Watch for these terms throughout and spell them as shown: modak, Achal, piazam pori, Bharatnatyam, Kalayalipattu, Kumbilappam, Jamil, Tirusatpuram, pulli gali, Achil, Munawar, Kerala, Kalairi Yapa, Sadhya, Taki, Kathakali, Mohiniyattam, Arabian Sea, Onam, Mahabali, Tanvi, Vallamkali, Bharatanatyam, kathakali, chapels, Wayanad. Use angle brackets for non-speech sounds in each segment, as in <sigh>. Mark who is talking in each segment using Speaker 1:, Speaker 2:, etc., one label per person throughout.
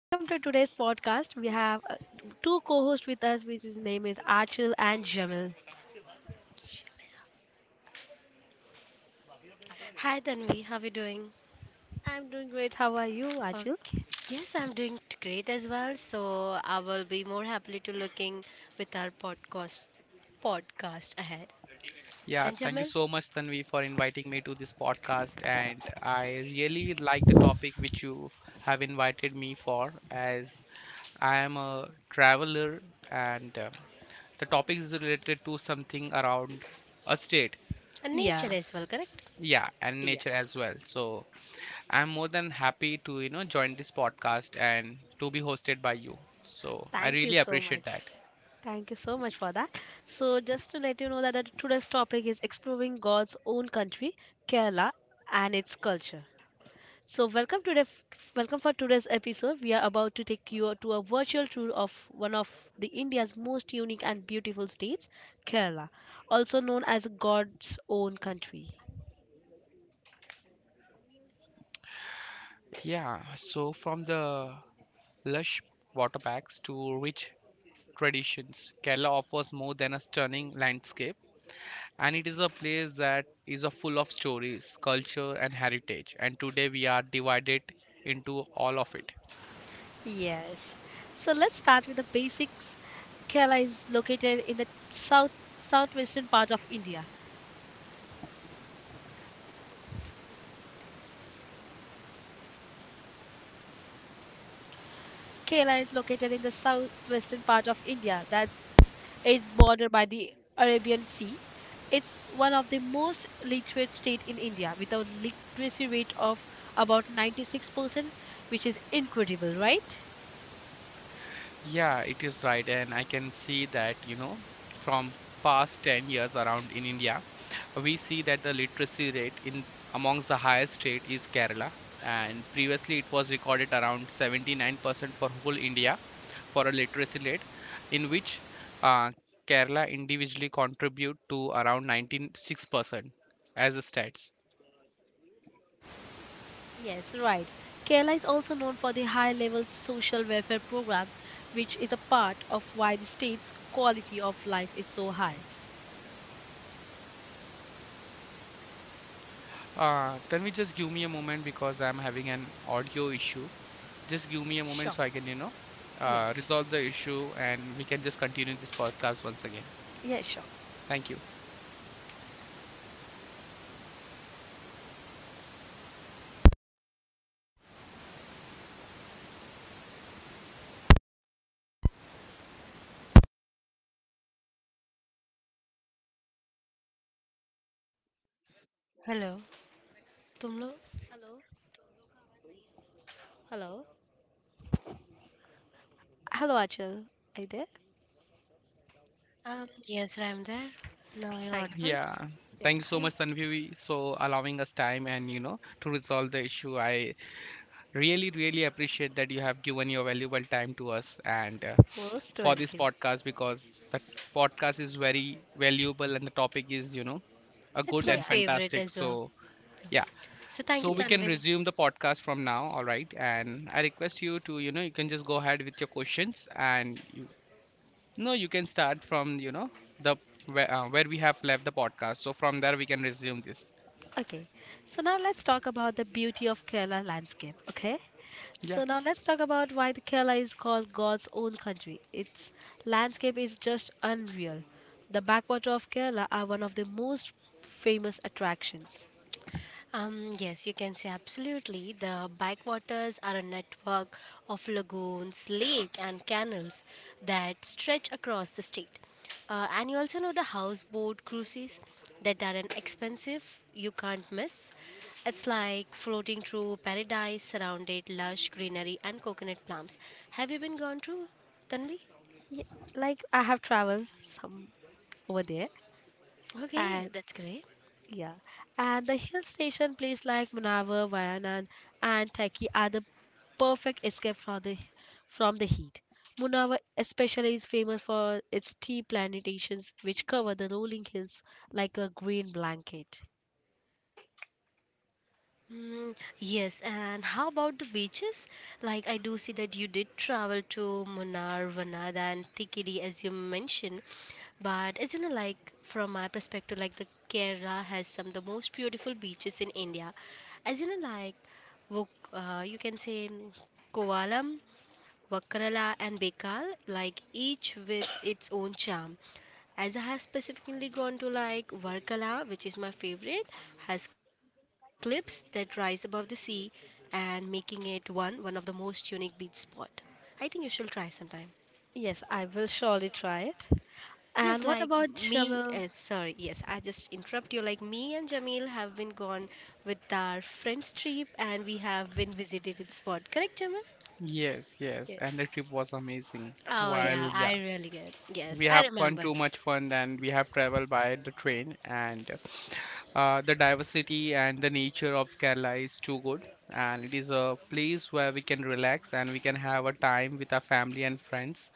Speaker 1: Welcome to today's podcast. We have two co-hosts with us, which his name is Achil and Jamil. I'm doing great. How are you, Achil?
Speaker 2: Yeah, thank you so much, Tanvi, for inviting me to this podcast. And I really like the topic which you have invited me for, as I am a traveler, and the topic is related to something around a state. So,
Speaker 1: Yeah,
Speaker 2: yeah, and
Speaker 1: yeah.
Speaker 2: nature as well. So, I'm more than happy to join this podcast and to be hosted by you. So, I
Speaker 1: Thank you
Speaker 2: really
Speaker 1: so
Speaker 2: appreciate
Speaker 1: much.
Speaker 2: that.
Speaker 1: Thank you so much for that. So, just to let you know that today's topic is exploring God's own country, Kerala, and its culture. So welcome to the welcome for today's episode. We are about to take you to a virtual tour of one of the India's most unique and beautiful states, Kerala, also known as God's own country.
Speaker 2: Yeah, so from the lush water packs to rich traditions, Kerala offers more than a stunning landscape, and it is a place that is a full of stories, culture, and heritage. And today we are divided into all of it.
Speaker 1: Yes. So let's start with the basics. Kerala is located in the south southwestern part of India. Kerala is located in the southwestern part of India that is bordered by the Arabian Sea. It's one of the most literate state in India with a literacy rate of about 96%, which is incredible, right?
Speaker 2: Yeah, it is right, and I can see that from past 10 years around in India we see that the literacy rate in amongst the highest state is Kerala and previously it was recorded around 79% for whole India for a literacy rate in which uh, Kerala individually contribute to around 96% as the stats.
Speaker 1: Yes, right. Kerala is also known for the high level social welfare programs, which is a part of why the state's quality of life is so high.
Speaker 2: Can we just give me a moment because I'm having an audio issue. Just give me a moment
Speaker 1: Sure.
Speaker 2: so I can, you know,
Speaker 1: Yeah,
Speaker 2: uh,
Speaker 1: sure.
Speaker 2: resolve the issue and we can just continue this podcast once again.
Speaker 1: Yeah, sure.
Speaker 2: Thank you.
Speaker 1: Hello. Hello. Hello, Achal. Are you there? Hi.
Speaker 2: Yeah,
Speaker 1: Yeah,
Speaker 2: thanks so much, Tanvi, so allowing us time and to resolve the issue. I really, really appreciate that you have given your valuable time to us and uh,
Speaker 1: most
Speaker 2: for this
Speaker 1: welcome.
Speaker 2: podcast because the podcast is very valuable and the topic is a good and
Speaker 1: Yeah,
Speaker 2: fantastic. So, yeah. So we
Speaker 1: yeah.
Speaker 2: can resume the podcast from now, all right? And I request you to, you can just go ahead with your questions, and no, you can start from, you know, the where, uh, where we have left the podcast. So from there we can resume this.
Speaker 1: Okay, so now let's talk about the beauty of Kerala landscape. Okay,
Speaker 2: Yeah.
Speaker 1: so now let's talk about why the Kerala is called God's own country. Its landscape is just unreal. The backwater of Kerala are one of the most famous attractions. Yeah, like I have traveled some over there, and yeah, and the hill station place like Munawar, Wayanad, and Taki are the perfect escape from from the heat. Munawar especially is famous for its tea plantations, which cover the rolling hills like a green blanket. Yes, I will surely try it. And what about Jamil?
Speaker 2: Yes, yes.
Speaker 1: Yes.
Speaker 2: And the trip was amazing. While yeah, we have fun, too much fun, and we have traveled by the train, and the diversity and the nature of Kerala is too good. And it is a place where we can relax and we can have a time with our family and friends,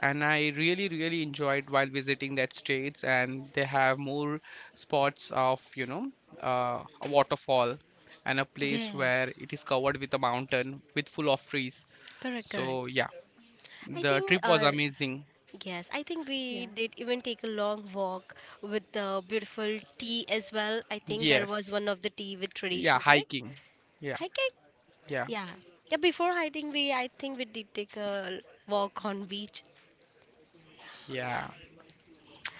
Speaker 2: and I really really enjoyed while visiting that states, and they have more spots of a waterfall and a place where it is covered with a mountain with full of trees. So, yeah, the trip was amazing.
Speaker 1: Yeah.
Speaker 2: Yes. Yeah. Hiking. Yeah, yeah, yeah.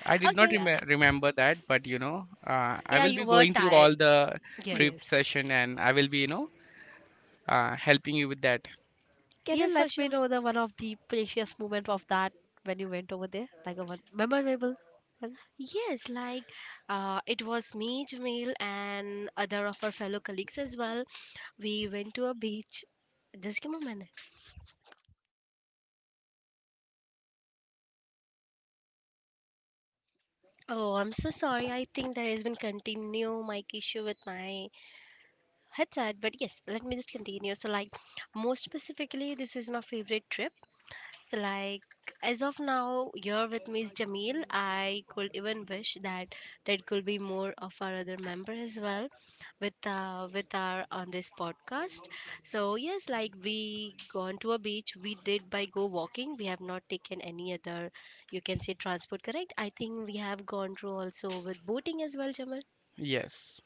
Speaker 2: I did not
Speaker 1: Yeah.
Speaker 2: remember that, but I will be going through all the trip session,
Speaker 1: Yes.
Speaker 2: and I will be helping you with that.
Speaker 1: Can you let me know the one of the precious moment of that when you went over there? Like a one memorable one?
Speaker 2: Yes.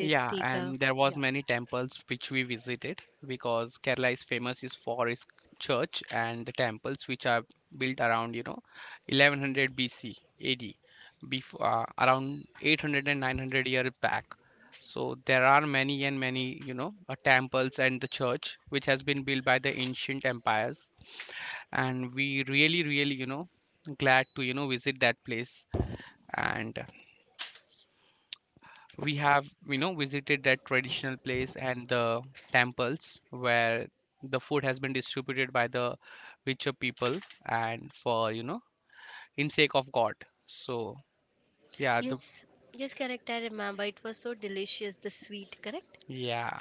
Speaker 2: Yeah, and there was
Speaker 1: Yeah.
Speaker 2: many temples which we visited because Kerala is famous is for its church and the temples which are built around, 1100 BC AD, before around 800 and 900 years back. So there are many and many temples and the church which has been built by the ancient empires, and we really, really, glad to visit that place. And we have visited that traditional place and the temples where the food has been distributed by the richer people and for in sake of God. So, yeah, yeah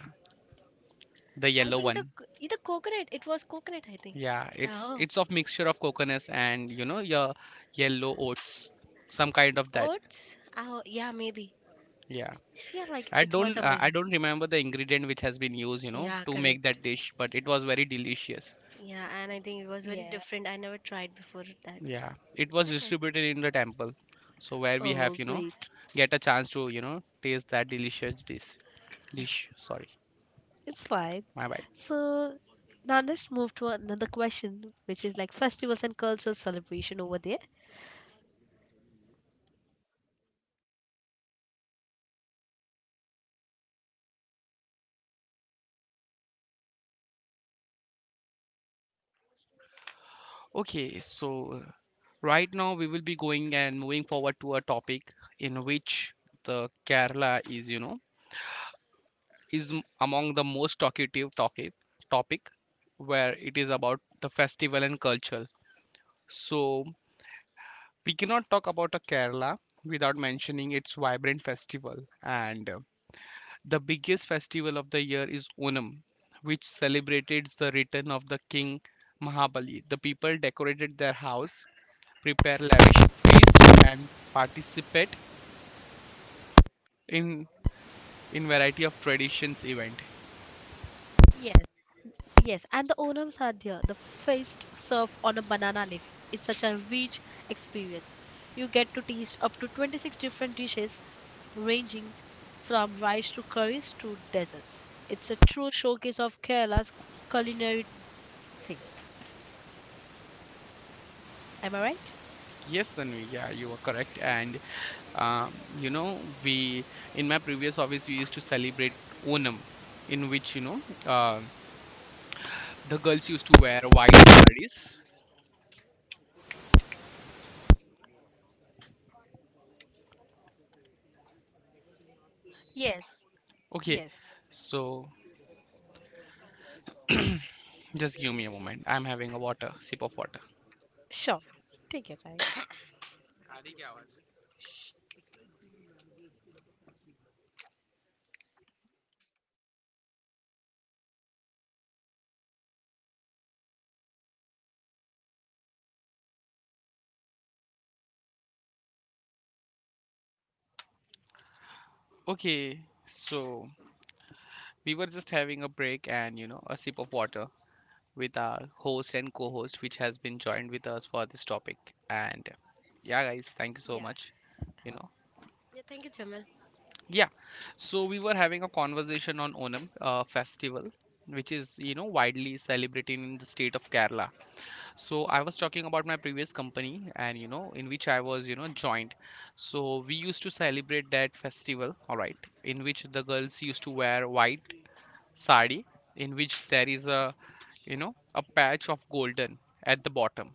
Speaker 2: the yellow one, yeah, it's of mixture of coconuts and your yellow oats, some kind of that. Yeah, I don't remember the ingredient which has been used to make that dish, but it was very delicious.
Speaker 1: Yeah.
Speaker 2: Yeah, it was distributed in the temple. So where we have,
Speaker 1: Oh,
Speaker 2: you know,
Speaker 1: great.
Speaker 2: get a chance to taste that delicious dish. Dish, sorry,
Speaker 1: It's fine.
Speaker 2: my bad.
Speaker 1: So now let's move to another question, which is like festivals and cultural celebration over there.
Speaker 2: Okay, so right now we will be going and moving forward to a topic in which the Kerala is among the most talkative topic where it is about the festival and culture. So we cannot talk about a Kerala without mentioning its vibrant festival. And The biggest festival of the year is Onam, which celebrated the return of the king Mahabali. The people decorated their house, prepare lavish feast, and participate in in variety of traditions event.
Speaker 1: Yes. Yes, and the Onam Sadhya, the feast served on a banana leaf, is such a rich experience. You get to taste up to 26 different dishes, ranging from rice to curries to desserts. It's a true showcase of Kerala's culinary thing. Am I right?
Speaker 2: Yes, Tanvi, yeah, you are correct. And we in my previous office we used to celebrate Onam, in which the girls used to wear white sarees.
Speaker 1: Yes.
Speaker 2: Okay,
Speaker 1: Yes.
Speaker 2: so just give me a moment. I'm having a water sip of water.
Speaker 1: Sure. Take your time.
Speaker 2: Okay, so we were just having a break and a sip of water with our host and co-host, which has been joined with us for this topic. And, yeah, guys, thank you so
Speaker 1: Yeah.
Speaker 2: much. You know.
Speaker 3: Yeah, thank you, Jamal.
Speaker 2: Yeah. So we were having a conversation on Onam festival, which is widely celebrated in the state of Kerala. So I was talking about my previous company and in which I was joined. So we used to celebrate that festival, all right, in which the girls used to wear white sari in which there is a you know a patch of golden at the bottom.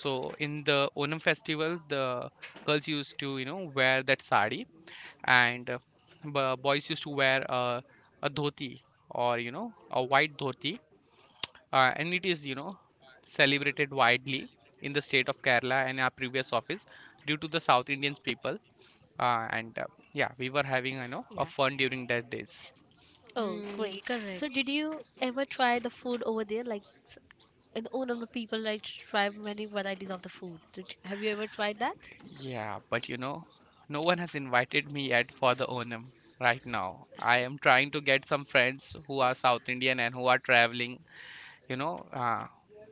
Speaker 2: So in the Onam festival, the girls used to wear that sari, and boys used to wear a dhoti, or a white dhoti, and it is celebrated widely in the state of Kerala and our previous office due to the South Indians people, and, yeah, we were having you know
Speaker 1: Yeah.
Speaker 2: a fun during that days.
Speaker 1: Oh,
Speaker 3: Hmm,
Speaker 1: great. So,
Speaker 3: correct.
Speaker 1: did you ever try the food over there? Like, in Onam, people like try many varieties of the food. Did, have you ever tried that?
Speaker 2: Yeah, but no one has invited me yet for the Onam right now. I am trying to get some friends who are South Indian and who are traveling, you know, uh,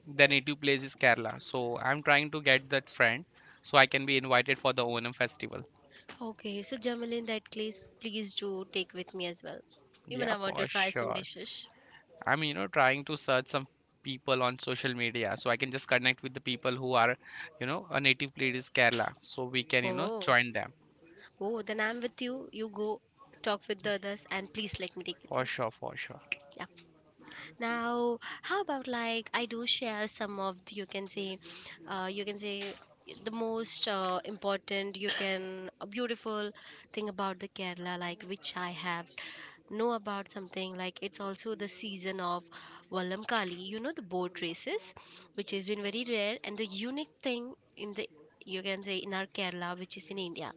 Speaker 2: their native place is Kerala. So I'm trying to get that friend so I can be invited for the Onam festival.
Speaker 3: Okay, so Jamal, in that case, please do take with me as well. Even
Speaker 2: Yeah,
Speaker 3: I want to
Speaker 2: for
Speaker 3: try some
Speaker 2: sure.
Speaker 3: dishes.
Speaker 2: I'm trying to search some people on social media so I can just connect with the people who are a native place is Kerala. So we can, you know,
Speaker 3: Oh,
Speaker 2: join them.
Speaker 3: oh, then I'm with you. You go talk with the others, and please let me take with
Speaker 2: For
Speaker 3: you.
Speaker 2: sure, for sure.
Speaker 3: Yeah. Now, how about like I do share some of the, you can say the most important you can a beautiful thing about the Kerala like which I have know about something like it's also the season of Vallamkali, you know, the boat races, which has been very rare and the unique thing in the you can say in our Kerala, which is in India,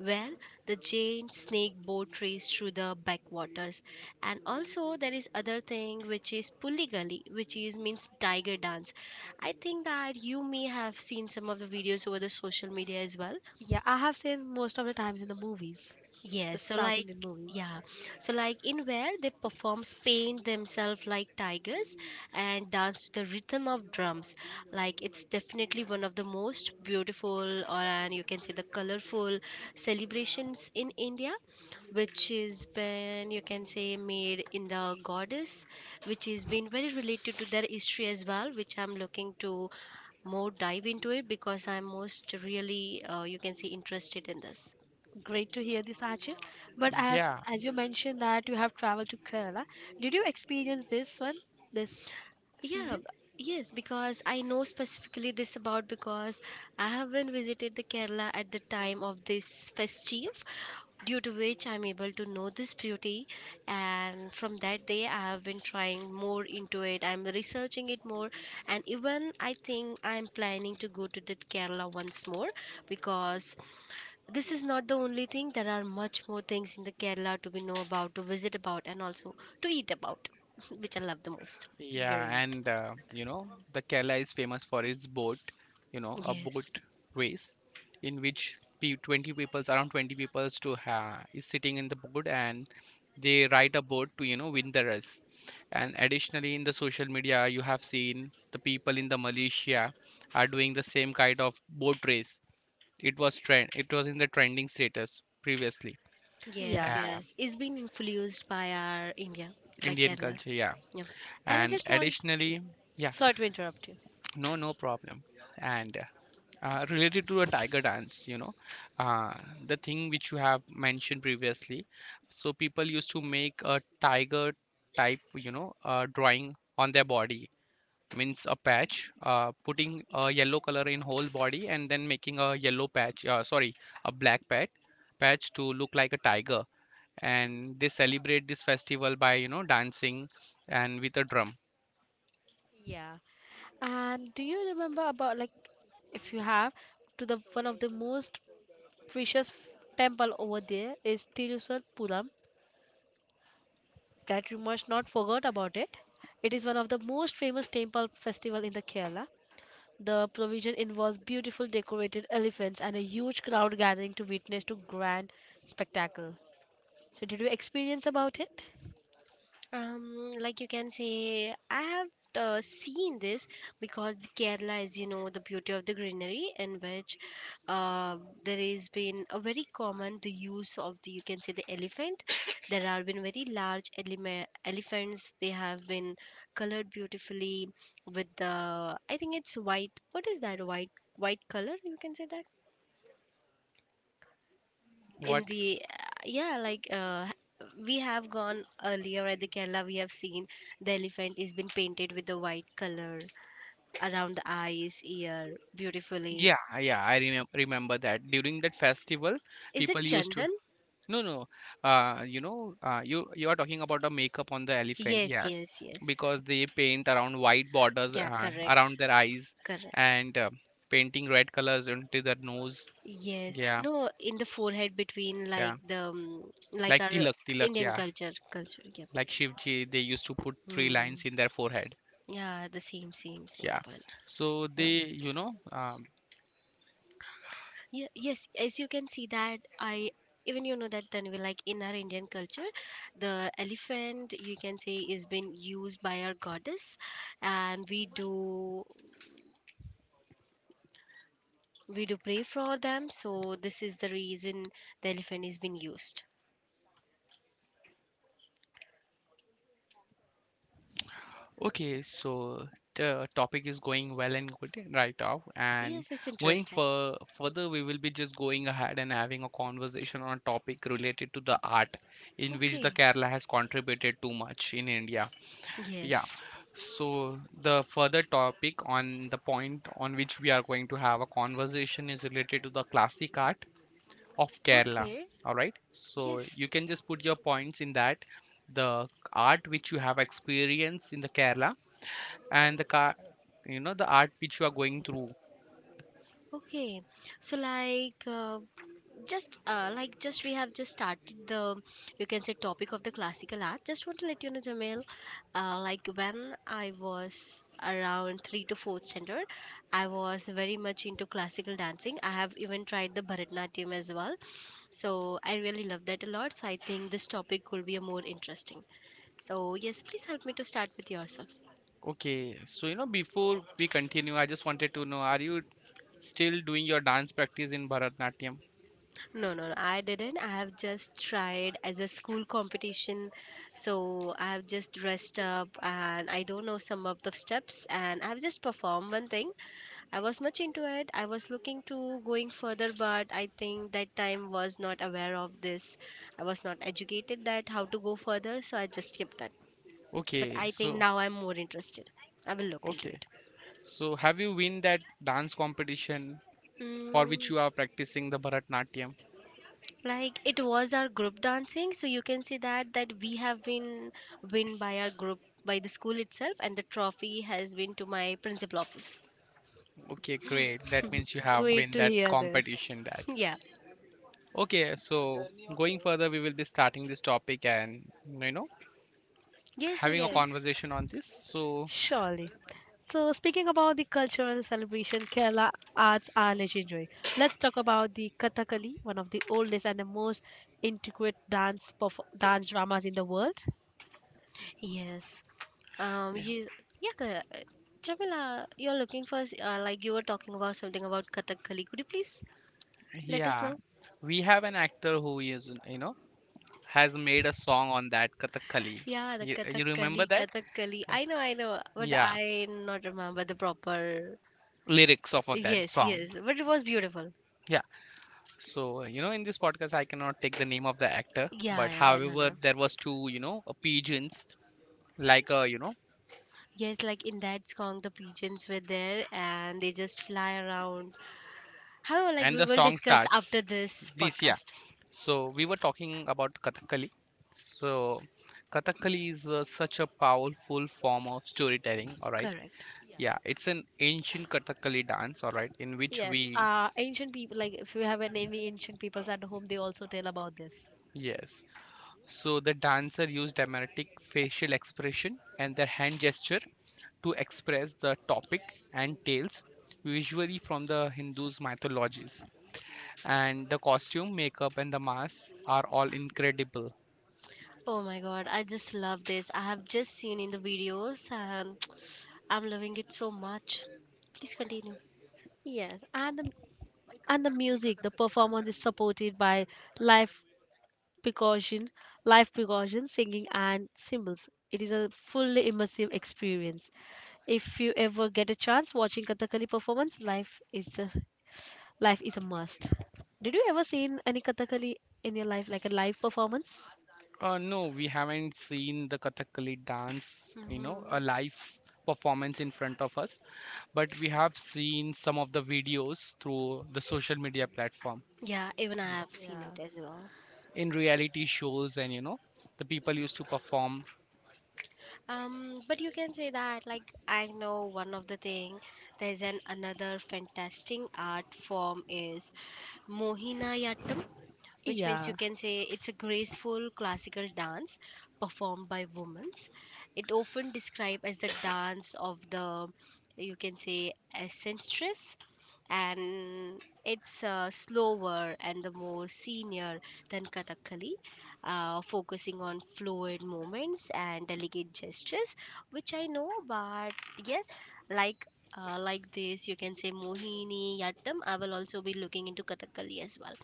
Speaker 3: where the giant snake boat race through the backwaters, and also there is other thing which is pulli gali which is means tiger dance. I think that you may have seen some of the videos over the social media as well.
Speaker 1: Yeah, I have seen most of the times in the movies, the
Speaker 3: Yes, so
Speaker 1: South
Speaker 3: like
Speaker 1: Indian movies.
Speaker 3: yeah, so like in where they perform paint themselves like tigers and dance to the rhythm of drums. Like it's definitely one of the most beautiful or and you can say the colorful celebrations in India, which is been you can say made in the goddess, which has been very related to their history as well, which I'm looking to more dive into it because I'm most really you can say interested in this.
Speaker 1: Great to hear this, Archie. But as
Speaker 2: Yeah.
Speaker 1: as you mentioned that you have traveled to Kerala, did you experience this one this
Speaker 3: Yeah,
Speaker 1: season?
Speaker 3: b- yes, because I know specifically this about because I haven't visited the Kerala at the time of this festive, due to which I'm able to know this beauty. And from that day, I have been trying more into it. I'm researching it more, and even I think I'm planning to go to the Kerala once more because this is not the only thing. There are much more things in the Kerala to be know about, to visit about, and also to eat about, <laughs> which I love the most.
Speaker 2: Yeah,
Speaker 1: Great.
Speaker 2: and the Kerala is famous for its boat, a
Speaker 3: Yes,
Speaker 2: boat race in which pe 20 peoples around 20 peoples to ha is sitting in the boat, and they ride a boat to win the race. And additionally, in the social media, you have seen the people in the Malaysia are doing the same kind of boat race. It was in the trending status previously.
Speaker 1: Yeah.
Speaker 3: yes,
Speaker 2: Uh,
Speaker 3: yes. It's been influenced by our India, by
Speaker 2: Indian
Speaker 3: Kerala.
Speaker 2: culture, yeah.
Speaker 3: Yeah.
Speaker 1: And I
Speaker 2: And
Speaker 1: just want, yeah,
Speaker 2: additionally, yeah,
Speaker 1: sorry to interrupt you.
Speaker 2: no, no problem. And related to a tiger dance you know uh, the thing which you have mentioned previously. So people used to make a tiger type drawing on their body, means a patch, putting a yellow color in whole body, and then making a yellow patch, sorry, a black patch to look like a tiger, and they celebrate this festival by dancing and with a drum.
Speaker 1: Yeah. And do you remember about like if you have to the one of the most precious temple over there is Tirusatpuram that you must not forget about it. It is one of the most famous temple festival in the Kerala. The provision involves beautiful decorated elephants and a huge crowd gathering to witness to grand spectacle. So did you experience about it?
Speaker 3: Like you can say, I have seen this because the Kerala is, you know, the beauty of the greenery in which uh, there has been a very common the use of the, you can say, the elephant. <coughs> There have been very large elephants. They have been colored beautifully with the, I think it's white. What is that white? White color? You can say that in
Speaker 2: What?
Speaker 3: the yeah like we have gone earlier at the Kerala, we have seen the elephant is been painted with the white color around the eyes, ear beautifully.
Speaker 2: Yeah, yeah, I remember that during that festival
Speaker 3: Is it
Speaker 2: people used to.
Speaker 3: chandan?
Speaker 2: No, no. You are talking about the makeup on the elephant,
Speaker 3: yes
Speaker 2: yes,
Speaker 3: yes yes
Speaker 2: because they paint around white borders
Speaker 3: Yeah,
Speaker 2: uh,
Speaker 3: correct,
Speaker 2: around their eyes,
Speaker 3: correct.
Speaker 2: and painting red colors into their nose.
Speaker 3: Yes,
Speaker 2: Yeah,
Speaker 3: no, in the forehead between like
Speaker 2: yeah.
Speaker 3: the like
Speaker 2: Like
Speaker 3: our
Speaker 2: tilak, tilak,
Speaker 3: Indian
Speaker 2: yeah.
Speaker 3: culture. Yeah.
Speaker 2: Like Shivji, they used to put three
Speaker 3: Hmm.
Speaker 2: lines in their forehead.
Speaker 3: Yeah, the same
Speaker 2: Yeah.
Speaker 3: one.
Speaker 2: So
Speaker 3: Yeah.
Speaker 2: they.
Speaker 3: Yeah, yes, as you can see that I even you know that Tanvi, like in our Indian culture, the elephant you can say is been used by our goddess, and we do pray for them, so this is the reason the elephant is been used.
Speaker 2: Okay, so the topic is going well and good right off, and
Speaker 3: Yes, it's
Speaker 2: going
Speaker 3: interesting.
Speaker 2: for further, we will be just going ahead and having a conversation on a topic related to the art in which
Speaker 3: Okay.
Speaker 2: the Kerala has contributed too much in India. Yeah,
Speaker 3: Yes.
Speaker 2: so the further topic on the point on which we are going to have a conversation is related to the classic art of Kerala.
Speaker 3: Okay,
Speaker 2: All right, so
Speaker 3: yes.
Speaker 2: you can just put your points in that, the art which you have experienced in the Kerala, and the art which you are going through.
Speaker 3: Okay, so like just like just we have just started the you can say topic of the classical art. Just want to let you know, Jamil, like when I was around three to fourth standard, I was very much into classical dancing. I have even tried the Bharatanatyam as well, so I really love that a lot. So I think this topic will be a more interesting. So yes, please help me to start with yourself.
Speaker 2: Okay, so before we continue, I just wanted to know, are you still doing your dance practice in Bharatnatyam?
Speaker 3: No, I didn't. I have just tried as a school competition. So I have just dressed up and I don't know some of the steps and I have just performed one thing. I was much into it. I was looking to going further, but I think that time was not aware of this. I was not educated that how to go further, so I just skipped that. But
Speaker 2: Okay,
Speaker 3: I think
Speaker 2: so.
Speaker 3: now I'm more interested. I will look into
Speaker 2: Okay,
Speaker 3: it.
Speaker 2: so have you win that dance competition for which
Speaker 3: Mm.
Speaker 2: you are practicing the Bharatnatyam?
Speaker 3: Like it was our group dancing, so you can see that we have been win by our group by the school itself, and the trophy has been to my principal office.
Speaker 2: Okay, great, that means you have
Speaker 1: Great
Speaker 2: win
Speaker 1: to
Speaker 2: that
Speaker 1: hear this.
Speaker 2: competition that.
Speaker 3: <laughs> Yeah,
Speaker 2: Okay, so going further, we will be starting this topic and you know
Speaker 3: yes
Speaker 2: having
Speaker 3: yes
Speaker 2: a
Speaker 3: please.
Speaker 1: Yes.
Speaker 2: conversation on this, so
Speaker 1: Surely. So, speaking about the cultural celebration Kerala arts are legendary. Let's talk about the Kathakali, one of the oldest and the most intricate dance dramas in the world.
Speaker 3: Yes.
Speaker 2: yeah.
Speaker 3: You yeah ca- uh, Jamila, you're looking for like you were talking about something about Kathakali. Could you please let us
Speaker 2: Yeah,
Speaker 3: know?
Speaker 2: we have an actor who has made a song on that Kathakali.
Speaker 3: Yeah, the
Speaker 2: You
Speaker 3: kathakali
Speaker 2: remember that?
Speaker 3: kathakali
Speaker 2: K-
Speaker 3: I know, I know, but
Speaker 2: Yeah,
Speaker 3: I not remember the proper.
Speaker 2: lyrics of that
Speaker 3: Yes,
Speaker 2: song.
Speaker 3: yes, but it was beautiful.
Speaker 2: Yeah. So in this podcast, I cannot take the name of the actor,
Speaker 3: Yeah,
Speaker 2: but
Speaker 3: yeah, I don't
Speaker 2: however,
Speaker 3: know.
Speaker 2: there was two pigeons, like a,
Speaker 3: Yes, like in that song, the pigeons were there and they just fly around. However, like
Speaker 2: and
Speaker 3: we
Speaker 2: the
Speaker 3: will
Speaker 2: song
Speaker 3: discuss
Speaker 2: starts
Speaker 3: after this
Speaker 2: this, yeah.
Speaker 3: podcast.
Speaker 2: So we were talking about Kathakali. So Kathakali is such a powerful form of storytelling, all right?
Speaker 3: Correct.
Speaker 1: Yeah.
Speaker 2: Yeah, it's an ancient Kathakali dance, all right, in which
Speaker 1: Yes,
Speaker 2: we,
Speaker 1: ancient people like if you have any ancient peoples at home, they also tell about this.
Speaker 2: yes. So the dancer used dramatic facial expression and their hand gesture to express the topic and tales, usually from the Hindus' mythologies. And the costume, makeup, and the mask are all incredible.
Speaker 3: Oh my god, I just love this. I have just seen in the videos and <tsk> I'm loving it so much. Please continue.
Speaker 1: Yes, and the music, the performance is supported by live percussion, live percussion, singing, and cymbals. It is a fully immersive experience. If you ever get a chance watching Kathakali performance, life is a must. Did you ever seen any Kathakali in your life, like a live performance?
Speaker 2: No, we haven't seen the Kathakali dance,
Speaker 3: Hmm.
Speaker 2: a live performance in front of us, but we have seen some of the videos through the social media platform
Speaker 3: Yeah, even I have seen
Speaker 1: Yeah.
Speaker 3: it as well.
Speaker 2: in reality shows, and you know the people used to perform,
Speaker 3: But you can say that, like, I know one of the thing. There's an another fantastic art form is Mohiniyattam, which means you
Speaker 1: Yeah.
Speaker 3: can say it's a graceful classical dance performed by women. It often described as the dance of the, you can say, eccentric, and it's slower and the more senior than Kathakali, focusing on fluid movements and delicate gestures, which I know, but yes, like. Like this, you can say Mohini Yattam. I will also be looking into Kathakali as well.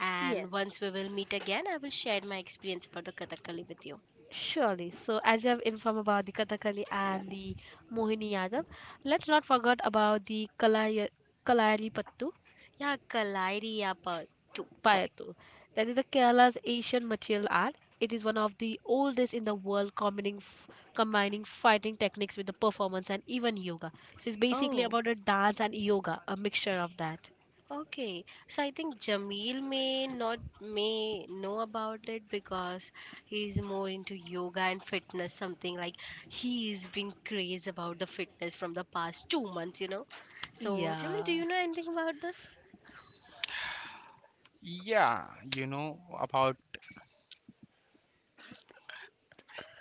Speaker 3: And once we
Speaker 1: Yes.
Speaker 3: will meet again, I will share my experience about the Kathakali with you.
Speaker 1: Surely. So, as you have informed about the Kathakali and the Mohiniyattam, let's not forget about the Kalayalipattu.
Speaker 3: Yeah, Kalairi Yapa too. Correct.
Speaker 1: Paetu. That is the Kerala's Asian martial art. It is one of the oldest in the world, combining fighting techniques with the performance and even yoga. So it's basically
Speaker 3: Oh.
Speaker 1: about a dance and yoga, a mixture of that.
Speaker 3: Okay, so I think Jameel may not may know about it because he's more into yoga and fitness, something like he's been crazy about the fitness from the past 2 months, you know. So Jameel, do
Speaker 1: Yeah.
Speaker 3: you know anything about this?
Speaker 2: yeah. You know about,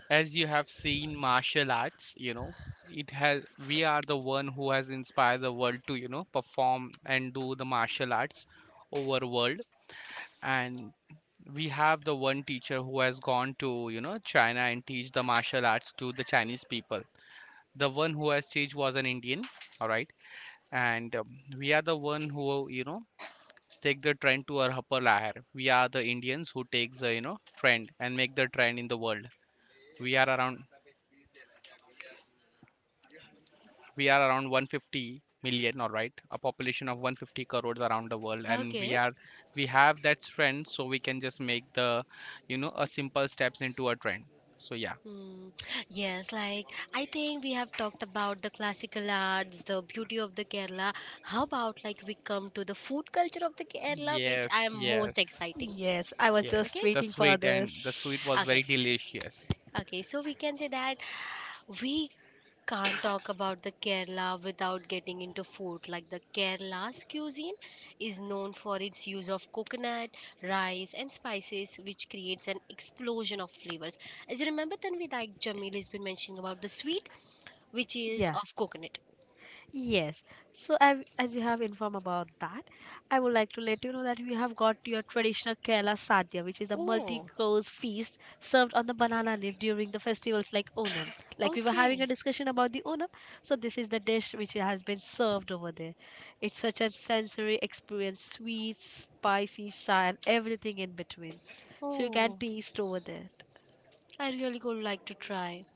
Speaker 2: as you have seen martial arts, you know it has, we are the one who has inspired the world to, you know, perform and do the martial arts over world. And we have the one teacher who has gone to, you know, china and teach the martial arts to the chinese people. The one who has teach was an indian, all right. and we are the one who, you know, take the trend to our upper layer. We are the Indians who takes the, you know, trend and make the trend in the world. We are around we are around 150 million, all right, a population of 150 crores around the world, and
Speaker 3: Okay.
Speaker 2: we have that trend, so we can just make the, you know, a simple steps into a trend. So yeah,
Speaker 3: Mm, yes, like I think we have talked about the classical arts, the beauty of the Kerala. How about like we come to the food culture of the Kerala, which
Speaker 2: yes,
Speaker 3: I am
Speaker 2: yes,
Speaker 3: most exciting.
Speaker 1: Yes, I was just
Speaker 2: yes.
Speaker 3: Okay?
Speaker 2: The
Speaker 1: waiting for
Speaker 2: sweet and the sweet was
Speaker 3: Okay.
Speaker 2: very
Speaker 1: this.
Speaker 2: delicious.
Speaker 3: Okay, so we can say that we can't talk about the Kerala without getting into food. Like the Kerala's cuisine is known for its use of coconut, rice, and spices, which creates an explosion of flavors. As you remember, Tanvi, like Jamil has been mentioning about the sweet, which is
Speaker 1: Yeah.
Speaker 3: of coconut.
Speaker 1: Yes. So, I, as you have informed about that, I would like to let you know that we have got your traditional Kerala Sadhya, which is a
Speaker 3: Oh.
Speaker 1: multi-course feast served on the banana leaf during the festivals like Onam. Like we were having
Speaker 3: Okay.
Speaker 1: a discussion about the Onam, so this is the dish which has been served over there. It's such a sensory experience, sweet, spicy, sour, and everything in between. So you
Speaker 3: you
Speaker 1: can
Speaker 3: can Oh,
Speaker 1: taste over there.
Speaker 3: I really could like to try.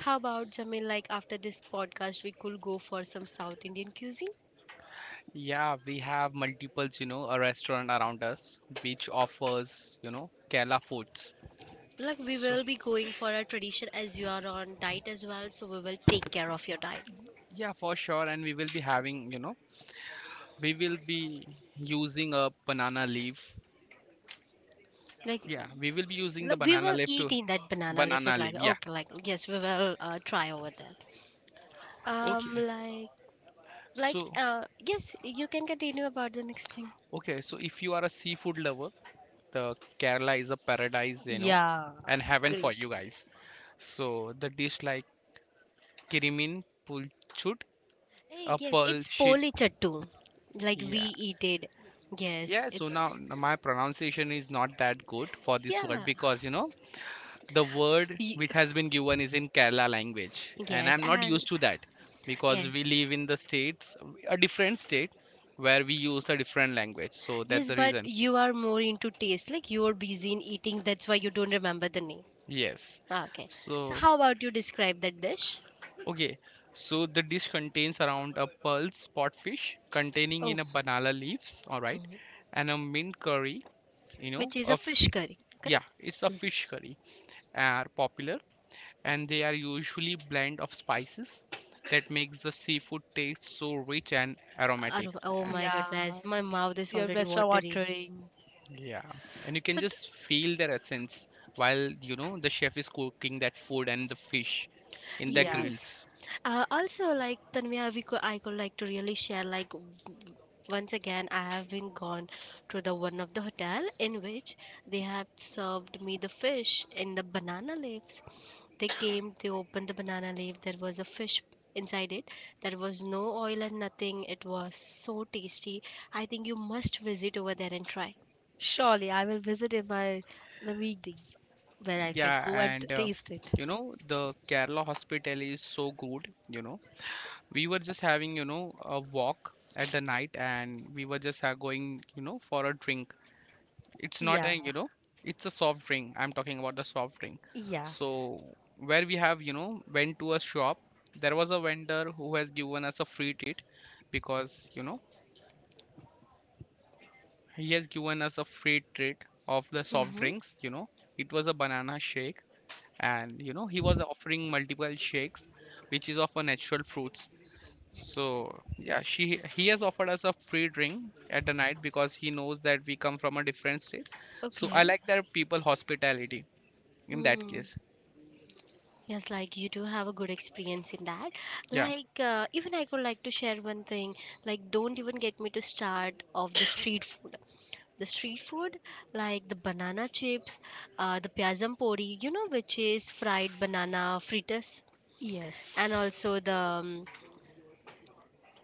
Speaker 3: How about Jamil? Like after this podcast, we could go for some South Indian cuisine.
Speaker 2: Yeah, we have multiples, you know, a restaurant around us which offers, you know, Kerala foods.
Speaker 3: Like we
Speaker 2: So
Speaker 3: will be going for a tradition as you are on diet as well, so we will take care of your diet.
Speaker 2: yeah, for sure. And we will be having, you know, we will be using a banana leaf.
Speaker 3: Like
Speaker 2: Yeah, we will be using the
Speaker 3: look, we
Speaker 2: banana
Speaker 3: will
Speaker 2: leaf to
Speaker 3: eat in that banana leaf it
Speaker 2: banana
Speaker 3: like
Speaker 2: leaf. Yeah.
Speaker 3: okay like yes we will try over there. um
Speaker 2: Okay.
Speaker 3: like like
Speaker 2: So,
Speaker 3: uh yes, you can continue about the next thing.
Speaker 2: okay. So, if you are a seafood lover, the Kerala is a paradise, you know,
Speaker 1: Yeah,
Speaker 2: and heaven for you
Speaker 1: great.
Speaker 2: guys. So, the dish like kirimin pulchud,
Speaker 3: Hey,
Speaker 2: a
Speaker 3: yes,
Speaker 2: pearl
Speaker 3: it's
Speaker 2: sheet.
Speaker 3: poli chattu. Like we
Speaker 2: Yeah.
Speaker 3: eat it. Yes,
Speaker 2: Yeah. So,
Speaker 3: it's
Speaker 2: now my pronunciation is not that good for this word
Speaker 3: yeah.
Speaker 2: because, you know, the word
Speaker 3: y-
Speaker 2: which has been given is in Kerala language, and
Speaker 3: Yes,
Speaker 2: I'm not
Speaker 3: and
Speaker 2: used to that because we
Speaker 3: yes.
Speaker 2: live in the states, a different state where we use a different language. So that's
Speaker 3: Yes,
Speaker 2: the
Speaker 3: but
Speaker 2: reason.
Speaker 3: you are more into taste. Like you are busy in eating, that's why you don't remember the name.
Speaker 2: Yes.
Speaker 3: Ah, okay. So
Speaker 2: So
Speaker 3: how about you describe that dish?
Speaker 2: okay. So the dish contains around a pulse spotfish containing
Speaker 3: Oh,
Speaker 2: in a banana leaves, all right,
Speaker 3: mhm.
Speaker 2: and a mint curry. You know,
Speaker 3: Which is a
Speaker 2: of
Speaker 3: fish curry,
Speaker 2: yeah,
Speaker 3: correct?
Speaker 2: it's a fish curry, are popular, and they are usually blend of spices that
Speaker 3: Mm.
Speaker 2: makes the seafood taste so rich and aromatic.
Speaker 3: Aroma- oh
Speaker 2: Ah,
Speaker 3: my
Speaker 1: Yeah,
Speaker 3: goodness, my mouth is
Speaker 1: your
Speaker 3: already
Speaker 1: restaurant
Speaker 3: watery.
Speaker 1: watering.
Speaker 2: yeah, and you can
Speaker 1: So d-
Speaker 2: just feel their essence while, you know, the chef is cooking that food and the fish in the
Speaker 1: yeah.
Speaker 3: Yes.
Speaker 2: grills.
Speaker 3: Also, like Tanvia, we could I could like to really share like once again I have been gone to the one of the hotel in which they have served me the fish in the banana leaves. They came, they opened the banana leaf. There was a fish inside it. There was no oil and nothing. It was so tasty. I think you must visit over there and try.
Speaker 1: Surely I will visit in my the weekdays where I can
Speaker 2: Yeah,
Speaker 1: go and
Speaker 2: and
Speaker 1: taste it.
Speaker 2: you know the Kerala hospitality is so good. You know, we were just having, you know, a walk at the night, and we were just, going, you know, for a drink. It's not
Speaker 1: Yeah,
Speaker 2: a, you know, it's a soft drink, I'm talking about the soft drink.
Speaker 1: yeah,
Speaker 2: So where we have, you know, went to a shop, there was a vendor who has given us a free treat, because, you know, he has given us a free treat of the soft
Speaker 3: Mm-hmm.
Speaker 2: drinks, you know. It was a banana shake, and you know he was offering multiple shakes which is of a natural fruits. So yeah, she he has offered us a free drink at the night because he knows that we come from a different states. So I
Speaker 3: Okay.
Speaker 2: like that people hospitality in that
Speaker 3: Mm.
Speaker 2: case.
Speaker 3: Yes, like you do have a good experience in that.
Speaker 2: Yeah,
Speaker 3: Like, even I could like to share one thing. Like, don't even get me to start of the street food. The street food, like the banana chips, the piazam pori, you know, which is fried banana fritters, and
Speaker 1: yes.
Speaker 3: also the um,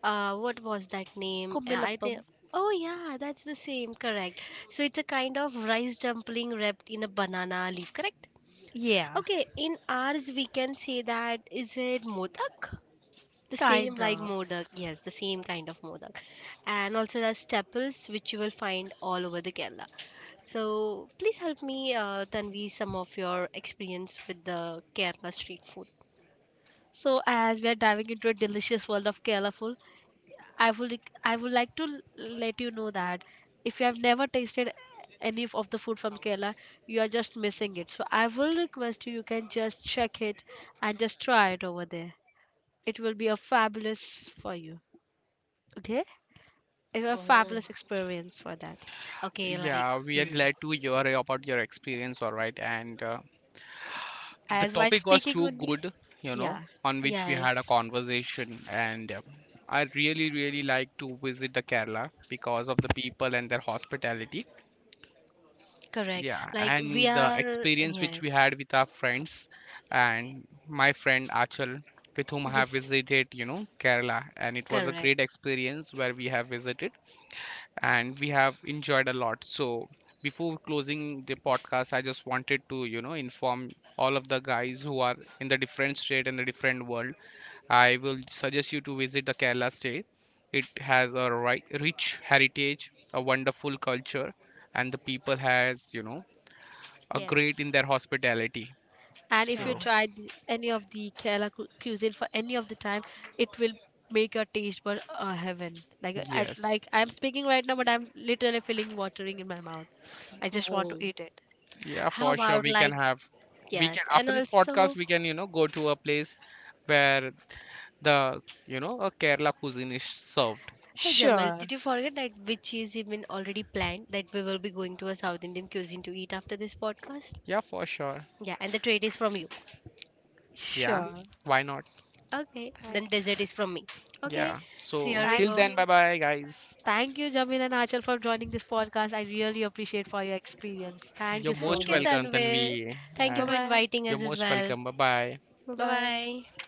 Speaker 3: uh, what was that name? I
Speaker 1: Kumbilappam.
Speaker 3: think. Oh yeah, that's the same, correct. So it's a kind of rice dumpling wrapped in a banana leaf, correct?
Speaker 1: Yeah,
Speaker 3: Okay, in ours we can say that is it modak? The
Speaker 1: kind
Speaker 3: same like
Speaker 1: of.
Speaker 3: modak, yes, the same kind of modak, and also there's chapels which you will find all over the Kerala. So please help me, Tanvi, some of your experience with the Kerala street food.
Speaker 1: So as we are diving into a delicious world of Kerala food, I would like to let you know that if you have never tasted any of the food from Kerala, you are just missing it. So I will request you you can just check it and just try it over there. It will be a fabulous for you. Okay? It was a
Speaker 3: Oh,
Speaker 1: fabulous experience for that.
Speaker 3: okay, like
Speaker 2: yeah, we are
Speaker 3: hmm,
Speaker 2: glad to hear about your experience, all right. and the
Speaker 1: As while
Speaker 2: topic was
Speaker 1: speaking
Speaker 2: too
Speaker 1: only,
Speaker 2: good, you know,
Speaker 1: yeah,
Speaker 2: on which we had a
Speaker 3: yes,
Speaker 2: conversation. And I really like to visit the kerala because of the people and their hospitality.
Speaker 3: correct.
Speaker 2: Yeah,
Speaker 3: Like we
Speaker 2: and the
Speaker 3: are
Speaker 2: experience which we
Speaker 3: yes,
Speaker 2: had with our friends and my friend achal, with whom I have
Speaker 3: yes.
Speaker 2: visited, you know, kerala. And it was a great
Speaker 3: Correct.
Speaker 2: experience where we have visited and we have enjoyed a lot. So before closing the podcast, I just wanted to, you know, inform all of the guys who are in the different state and the different world. I will suggest you to visit the Kerala state. It has a rich heritage, a wonderful culture, and the people has, you know, are great
Speaker 1: yes.
Speaker 2: in their hospitality.
Speaker 1: And if you
Speaker 2: So
Speaker 3: Correct.
Speaker 1: tried any of the Kerala cuisine for any of the time, it will make your taste bud heaven. Like
Speaker 2: yes,
Speaker 1: like I'm speaking right now, but I'm literally feeling watering in my mouth. I just want to
Speaker 3: Wow.
Speaker 1: eat it.
Speaker 2: yeah,
Speaker 3: How
Speaker 2: for sure
Speaker 3: about
Speaker 2: we can
Speaker 3: like
Speaker 2: have. We can,
Speaker 3: yes, and
Speaker 2: after this podcast,
Speaker 3: also
Speaker 2: we can, you know, go to a place where the, you know, a Kerala cuisine is served.
Speaker 3: hey Jamal,
Speaker 1: Sure,
Speaker 3: did you forget that which is even already planned that we will be going to a South Indian cuisine to eat after this podcast?
Speaker 2: Yeah, for sure.
Speaker 3: Yeah, and the trade is from you.
Speaker 2: Yeah,
Speaker 1: sure.
Speaker 2: why not?
Speaker 3: Okay, then
Speaker 1: Thank,
Speaker 3: dessert is from me. Okay,
Speaker 2: Yeah.
Speaker 3: so
Speaker 2: So
Speaker 3: here we
Speaker 2: till
Speaker 1: thank
Speaker 3: go.
Speaker 2: then, bye
Speaker 1: you,
Speaker 2: bye, guys.
Speaker 1: thank you, Jamin and Achal, for joining this podcast. I really appreciate for your experience. Thank you
Speaker 2: You're
Speaker 1: so
Speaker 3: Thank
Speaker 2: most
Speaker 3: you,
Speaker 1: much.
Speaker 2: welcome,
Speaker 3: Tanvi.
Speaker 2: Tanvi.
Speaker 3: Thank
Speaker 2: Uh,
Speaker 3: you
Speaker 1: Bye
Speaker 3: for
Speaker 1: bye.
Speaker 3: inviting
Speaker 2: you're
Speaker 3: us as
Speaker 2: most
Speaker 3: well.
Speaker 2: welcome. Bye bye.
Speaker 1: Bye
Speaker 3: Bye
Speaker 1: bye.
Speaker 3: bye.